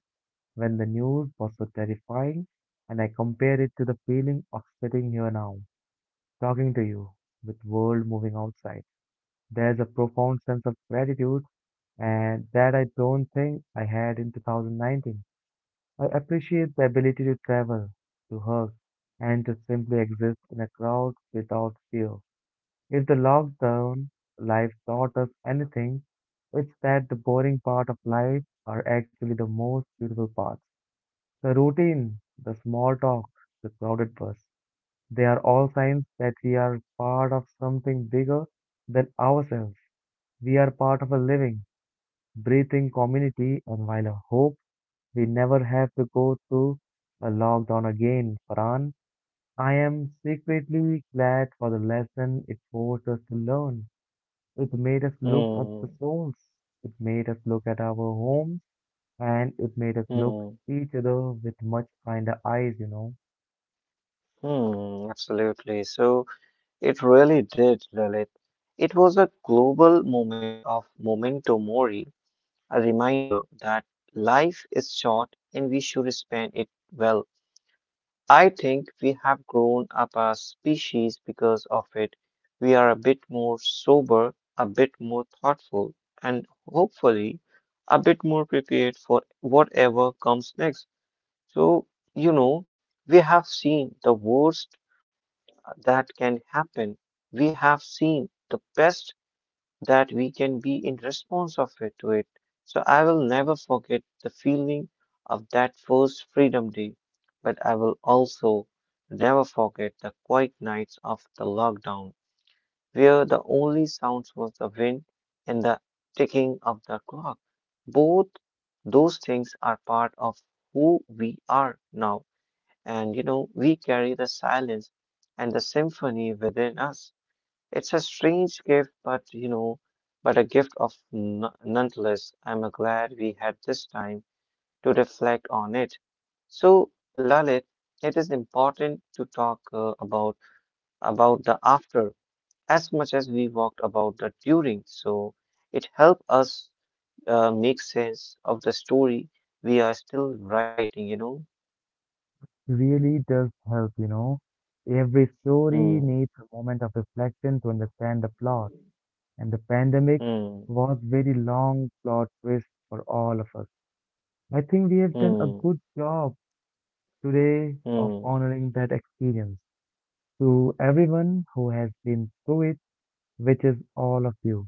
[SPEAKER 1] when the news was so terrifying and I compare it to the feeling of sitting here now, talking to you with world moving outside. There's a profound sense of gratitude and that I don't think I had in twenty nineteen. I appreciate the ability to travel, to hug, and to simply exist in a crowd without fear. If the lockdown life taught us anything, it's that the boring part of life are actually the most beautiful parts. The routine, the small talk, the crowded bus, they are all signs that we are part of something bigger than ourselves. We are part of a living, breathing community, and while I hope we never have to go through a lockdown again, Farhan, I am secretly glad for the lesson it forced us to learn. It made us look at the
[SPEAKER 2] hmm,
[SPEAKER 1] souls. It made us look at our homes and it made us look
[SPEAKER 2] hmm,
[SPEAKER 1] each other with much kinder eyes, you know.
[SPEAKER 2] hmm. Absolutely. So it really did, Lalit. It was a global moment of memento mori, a reminder that life is short and we should spend it well. I think we have grown up as species because of it. We are a bit more sober, a bit more thoughtful, and hopefully a bit more prepared for whatever comes next. So, you know, we have seen the worst that can happen. We have seen the best that we can be in response of it to it. So I will never forget the feeling of that first Freedom Day, but I will also never forget the quiet nights of the lockdown, where the only sounds was the wind and the ticking of the clock. Both those things are part of who we are now, and you know we carry the silence and the symphony within us. It's a strange gift, but you know, but a gift of n- nonetheless. I'm uh, glad we had this time to reflect on it. So, Lalit, it is important to talk uh, about about the after as much as we walked about the during. So, it helped us uh, make sense of the story we are still writing. You know.
[SPEAKER 1] Really does help, you know. Every story
[SPEAKER 2] Hmm.
[SPEAKER 1] needs a moment of reflection to understand the plot. And the pandemic
[SPEAKER 2] Hmm.
[SPEAKER 1] was very long plot twist for all of us. I think we have done a
[SPEAKER 2] Hmm.
[SPEAKER 1] good job today of
[SPEAKER 2] Hmm.
[SPEAKER 1] honoring that experience. To everyone who has been through it, which is all of you.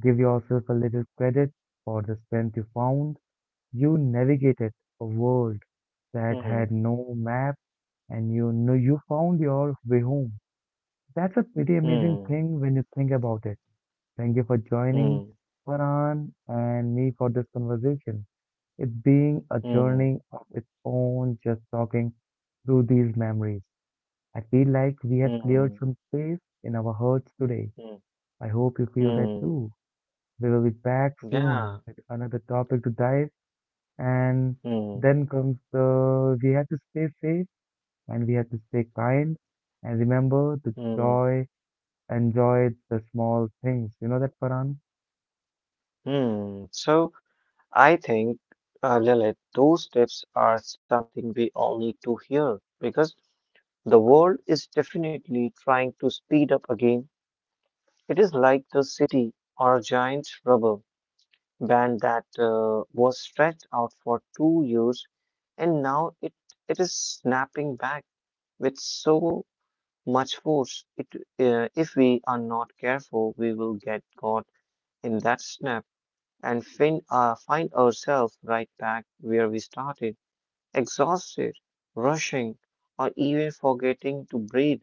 [SPEAKER 1] Give yourself a little credit for the strength you found. You navigated a world that
[SPEAKER 2] Hmm.
[SPEAKER 1] had no map and you know you found your way home. That's a pretty amazing
[SPEAKER 2] Hmm.
[SPEAKER 1] thing when you think about it. Thank you for
[SPEAKER 2] Hmm.
[SPEAKER 1] joining
[SPEAKER 2] Hmm.
[SPEAKER 1] Farhan and me for this conversation. It's being a
[SPEAKER 2] Hmm.
[SPEAKER 1] journey of its own just talking through these memories. I feel like we have
[SPEAKER 2] Mm,
[SPEAKER 1] cleared
[SPEAKER 2] mm,
[SPEAKER 1] some space in our hearts today.
[SPEAKER 2] mm.
[SPEAKER 1] I hope you feel that too.
[SPEAKER 2] mm.
[SPEAKER 1] We will be back soon
[SPEAKER 2] Yeah.
[SPEAKER 1] with another topic to dive. And
[SPEAKER 2] Mm,
[SPEAKER 1] then comes the we have to stay safe and we have to stay kind and remember the
[SPEAKER 2] mm,
[SPEAKER 1] joy, enjoy the small things. You know that, Farhan?
[SPEAKER 2] mm. So I think, uh, Lilith, those tips are something we all need to hear because the world is definitely trying to speed up again. It is like the city or a giant rubber band that uh, was stretched out for two years and now it, it is snapping back with so much force. It, uh, if we are not careful, we will get caught in that snap and fin uh, find ourselves right back where we started, exhausted, rushing, or even forgetting to breathe.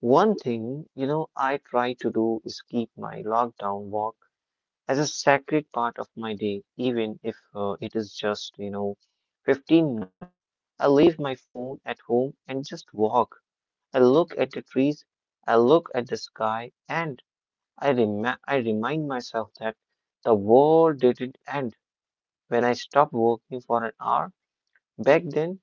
[SPEAKER 2] One thing, you know, I try to do is keep my lockdown walk as a sacred part of my day, even if uh, it is just, you know, fifteen minutes. I leave my phone at home and just walk. I look at the trees, I look at the sky, and I, rem- I remind myself that the world didn't end when I stopped working for an hour back then,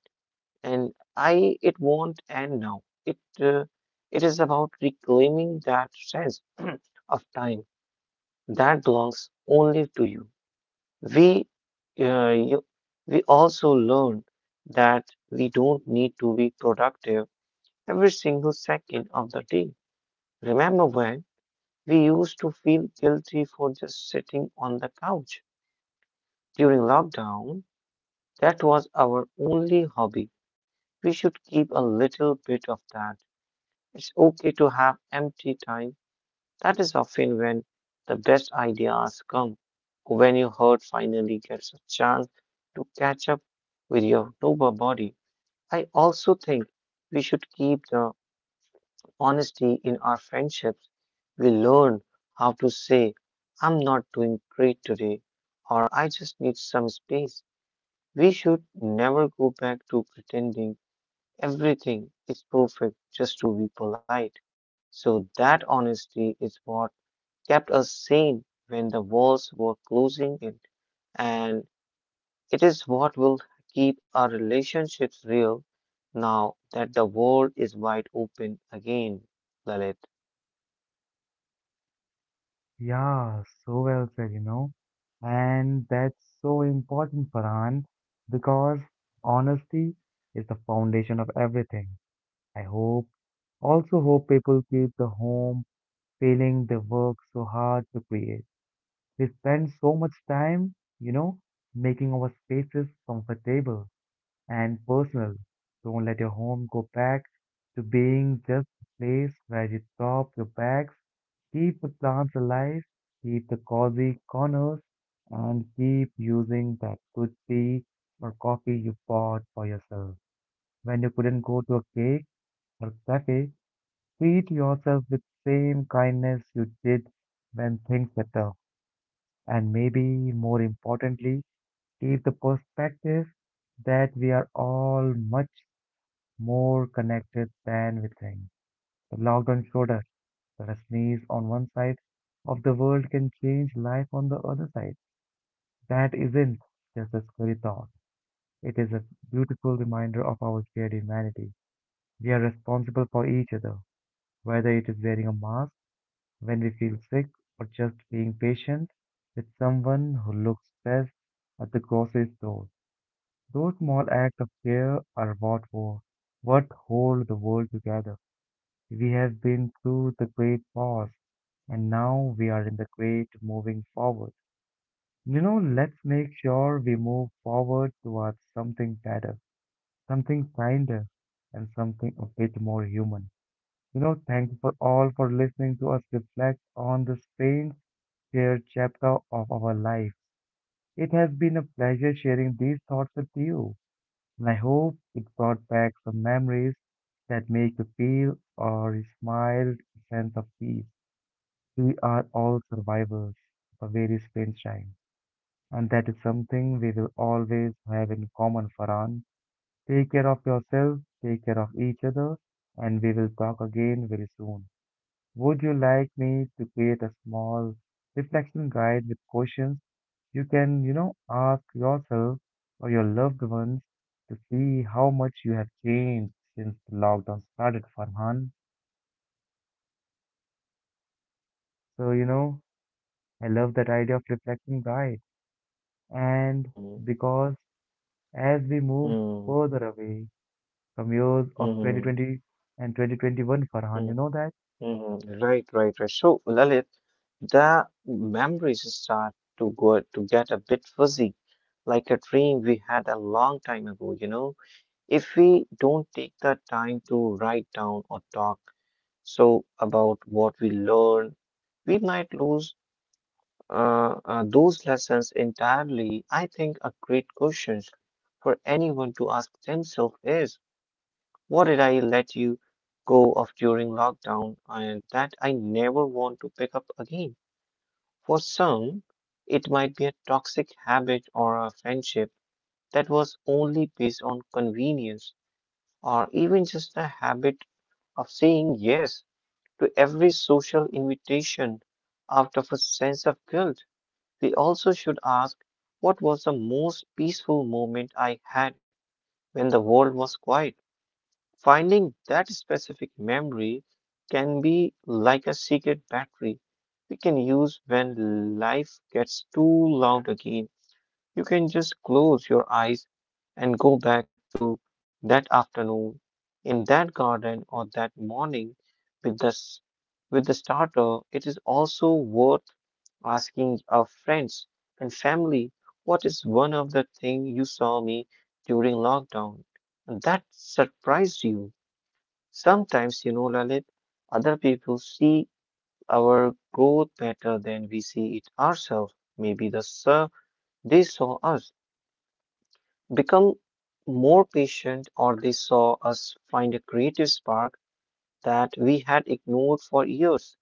[SPEAKER 2] and I it won't end now. It uh, it is about reclaiming that sense of time that belongs only to you. We uh, you, we also learn that we don't need to be productive every single second of the day. Remember when? We used to feel guilty for just sitting on the couch. During lockdown, that was our only hobby. We should keep a little bit of that. It's okay to have empty time. That is often when the best ideas come, when your heart finally gets a chance to catch up with your sober body. I also think we should keep the honesty in our friendships. We learn how to say, I'm not doing great today, or I just need some space. We should never go back to pretending everything is perfect just to be polite. So, that honesty is what kept us sane when the walls were closing in, and it is what will keep our relationships real now that the world is wide open again, Lalit.
[SPEAKER 1] Yeah, so well said, you know. And that's so important, Farhan, because honesty is the foundation of everything. I hope, also hope people keep the home feeling they work so hard to create. We spend so much time, you know, making our spaces comfortable and personal. Don't let your home go back to being just a place where you drop your bags. Keep the plants alive, keep the cozy corners, and keep using that good tea or coffee you bought for yourself. When you couldn't go to a cake or cafe, treat yourself with same kindness you did when things were tough and maybe more importantly, keep the perspective that we are all much more connected than we think. The lockdown showed us that a sneeze on one side of the world can change life on the other side. That isn't just a scary thought. It is a beautiful reminder of our shared humanity. We are responsible for each other, whether it is wearing a mask when we feel sick or just being patient with someone who looks stressed at the grocery store. Those small acts of care are what, wo- what hold the world together. We have been through the great pause, and now we are in the great moving forward. You know, let's make sure we move forward towards something better, something kinder, and something a bit more human. You know, thank you for all for listening to us reflect on this pain shared chapter of our life. It has been a pleasure sharing these thoughts with you, and I hope it brought back some memories that make you feel or smile a sense of peace. We are all survivors of a very strange time, and that is something we will always have in common, Farhan. Take care of yourself, take care of each other, and we will talk again very soon. Would you like me to create a small reflection guide with questions you can, you know, ask yourself or your loved ones to see how much you have changed since the lockdown started, Farhan? So, you know, I love that idea of reflection guide. And
[SPEAKER 2] Hmm.
[SPEAKER 1] because as we move
[SPEAKER 2] Mm,
[SPEAKER 1] further away from years of
[SPEAKER 2] mm,
[SPEAKER 1] twenty twenty and twenty twenty-one, Farhan, you
[SPEAKER 2] mm,
[SPEAKER 1] know that?
[SPEAKER 2] mm. Right, right, right. So, Lalit, the memories start to go to get a bit fuzzy, like a dream we had a long time ago, you know. If we don't take the time to write down or talk so about what we learned, we might lose uh, uh, those lessons entirely. I think a great question for anyone to ask themselves is. What did I let you go of during lockdown and that I never want to pick up again? For some, it might be a toxic habit or a friendship that was only based on convenience or even just a habit of saying yes to every social invitation out of a sense of guilt. We also should ask what was the most peaceful moment I had when the world was quiet? Finding that specific memory can be like a secret battery we can use when life gets too loud again. You can just close your eyes and go back to that afternoon in that garden or that morning with this with the starter. It is also worth asking our friends and family what is one of the things you saw me during lockdown and that surprised you. Sometimes, you know, Lalit, other people see our growth better than we see it ourselves. Maybe the sur- they saw us become more patient, or they saw us find a creative spark that we had ignored for years.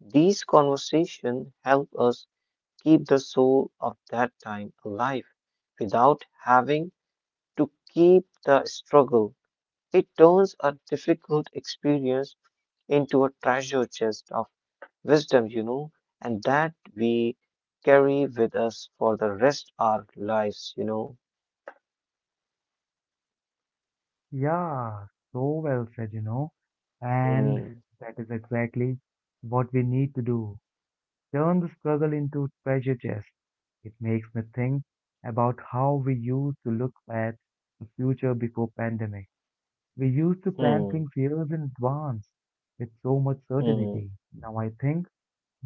[SPEAKER 2] These conversations help us keep the soul of that time alive without having to keep the struggle. It turns a difficult experience into a treasure chest of wisdom, you know, and that we carry with us for the rest our lives, you know.
[SPEAKER 1] Yeah, so well said, you know. And
[SPEAKER 2] Hmm,
[SPEAKER 1] that is exactly what we need to do. Turn the struggle into treasure chest. It makes me think about how we used to look at the future before pandemic. We used to plan
[SPEAKER 2] hmm,
[SPEAKER 1] things years in advance with so much
[SPEAKER 2] hmm,
[SPEAKER 1] certainty. Now I think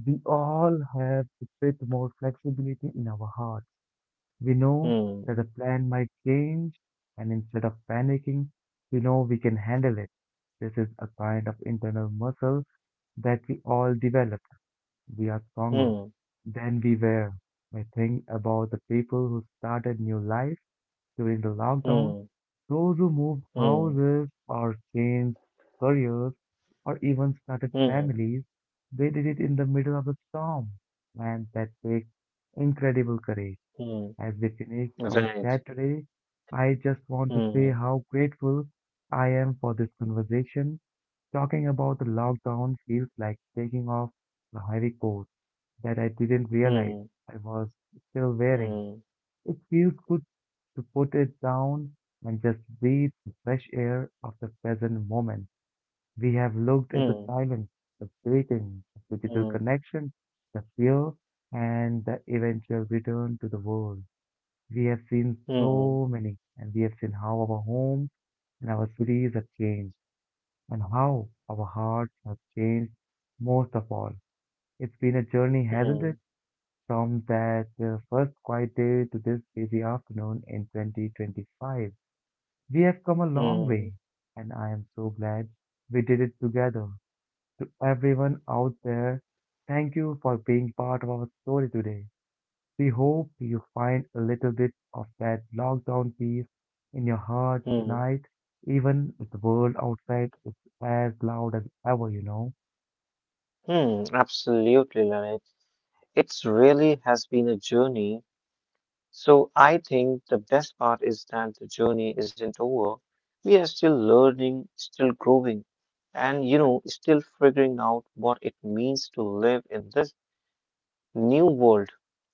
[SPEAKER 1] we all have a bit more flexibility in our heart. We know
[SPEAKER 2] hmm,
[SPEAKER 1] that the plan might change, and instead of panicking, we know we can handle it. This is a kind of internal muscle that we all developed. We are stronger
[SPEAKER 2] hmm,
[SPEAKER 1] than we were. I think about the people who started new life during the lockdown,
[SPEAKER 2] hmm,
[SPEAKER 1] those who moved
[SPEAKER 2] hmm,
[SPEAKER 1] houses or changed careers or even started
[SPEAKER 2] hmm,
[SPEAKER 1] families. They did it in the middle of a storm, and that takes incredible courage.
[SPEAKER 2] hmm,
[SPEAKER 1] As we finish our
[SPEAKER 2] Right.
[SPEAKER 1] chat today, I just want to say
[SPEAKER 2] Hmm,
[SPEAKER 1] how grateful I am for this conversation. Talking about the lockdown feels like taking off the heavy coat that I didn't realize
[SPEAKER 2] hmm,
[SPEAKER 1] I was still wearing.
[SPEAKER 2] hmm,
[SPEAKER 1] It feels good to put it down and just breathe the fresh air of the present moment. We have looked at the
[SPEAKER 2] hmm,
[SPEAKER 1] silence, the breathing, the digital
[SPEAKER 2] hmm,
[SPEAKER 1] connection, the fear, and the eventual return to the world. We have seen
[SPEAKER 2] hmm,
[SPEAKER 1] so many, and we have seen how our homes and our cities have changed, and how our hearts have changed most of all. It's been a journey, hasn't
[SPEAKER 2] hmm,
[SPEAKER 1] it? From that uh, first quiet day to this busy afternoon in twenty twenty-five. We have come a long way,
[SPEAKER 2] hmm,
[SPEAKER 1] and I am so glad we did it together. To everyone out there, thank you for being part of our story today. We hope you find a little bit of that lockdown peace in your heart
[SPEAKER 2] hmm,
[SPEAKER 1] tonight, even if the world outside is as loud as ever, you know.
[SPEAKER 2] hmm, Absolutely, Lalit. It's really has been a journey. So I think the best part is that the journey isn't over. We are still learning, still growing, and you know, still figuring out what it means to live in this new world.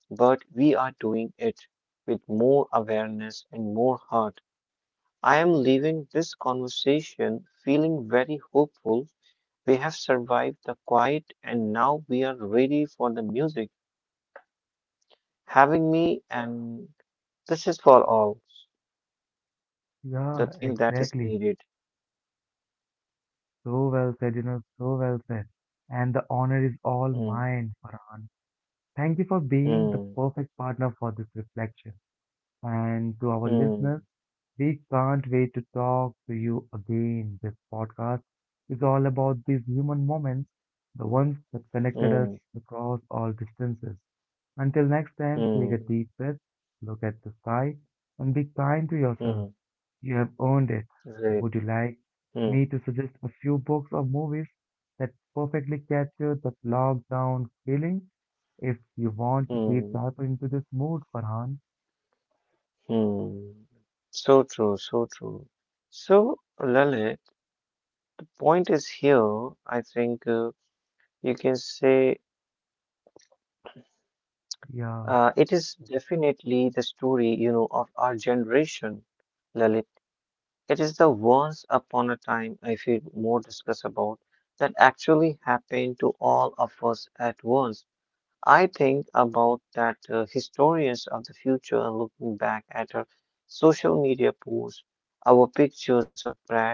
[SPEAKER 2] But we are doing it with more awareness and more heart. I am leaving this conversation feeling very hopeful. We have survived the quiet and now we are ready for the music. Having me,
[SPEAKER 1] Yeah.
[SPEAKER 2] and this is for all the
[SPEAKER 1] Yeah,
[SPEAKER 2] thing that is
[SPEAKER 1] exactly.
[SPEAKER 2] needed.
[SPEAKER 1] So well said, you know, so well said. And the honor is all
[SPEAKER 2] Hmm,
[SPEAKER 1] mine, Farhan. Thank you for being the
[SPEAKER 2] hmm,
[SPEAKER 1] perfect partner for this reflection. And to our
[SPEAKER 2] hmm,
[SPEAKER 1] listeners, we can't wait to talk to you again. This podcast is all about these human moments, the ones that connected us
[SPEAKER 2] hmm,
[SPEAKER 1] across all distances. Until next time, take a
[SPEAKER 2] hmm.
[SPEAKER 1] deep breath, look at the sky, and be kind to yourself.
[SPEAKER 2] Mm,
[SPEAKER 1] You have earned it. Would
[SPEAKER 2] right.
[SPEAKER 1] you like
[SPEAKER 2] Mm,
[SPEAKER 1] me to suggest a few books or movies that perfectly capture that lockdown feeling? If you want to deep
[SPEAKER 2] mm,
[SPEAKER 1] dive into this mood, Farhan,
[SPEAKER 2] mm. So true, so true. So, Lalit, point is here, I think uh, you can say
[SPEAKER 1] yeah.
[SPEAKER 2] uh, it is definitely the story, you know, of our generation, Lalit. It is the once upon a time I feel more discuss about that actually happened to all of us at once. I think about that uh, historians of the future are looking back at our social media posts, our pictures of Brad,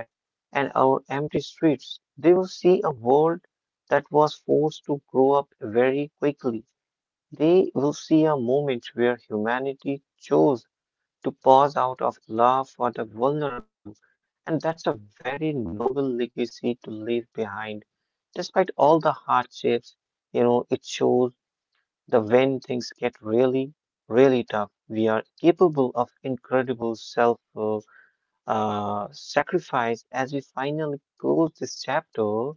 [SPEAKER 2] and our empty streets. They will see a world that was forced to grow up very quickly. They will see a moment where humanity chose to pause out of love for the vulnerable, and that's a very noble legacy to leave behind. Despite all the hardships, you know, it shows the when things get really, really tough, we are capable of incredible self uh, uh, sacrifice as we finally close this chapter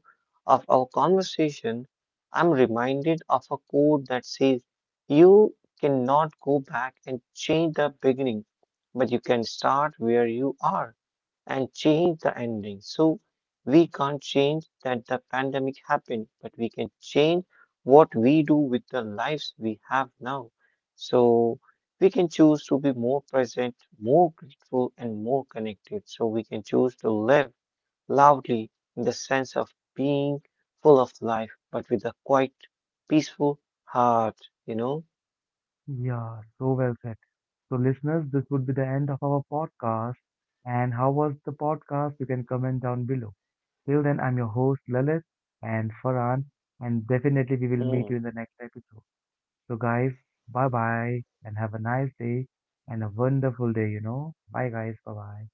[SPEAKER 2] of our conversation. I'm reminded of a quote that says, You cannot go back and change the beginning, but you can start where you are and change the ending. So we can't change that the pandemic happened, but we can change what we do with the lives we have now. So we can choose to be more present, more grateful, and more connected. So we can choose to live loudly in the sense of being full of life, but with a quite peaceful heart, you know?
[SPEAKER 1] Yeah, so well said. So, listeners, this would be the end of our podcast. And how was the podcast? You can comment down below. Till then, I'm your host, Lalit and Farhan. And definitely, we will meet you
[SPEAKER 2] Hmm.
[SPEAKER 1] in the next episode. So, guys, bye bye and have a nice day and a wonderful day, you know. Bye, guys. Bye bye.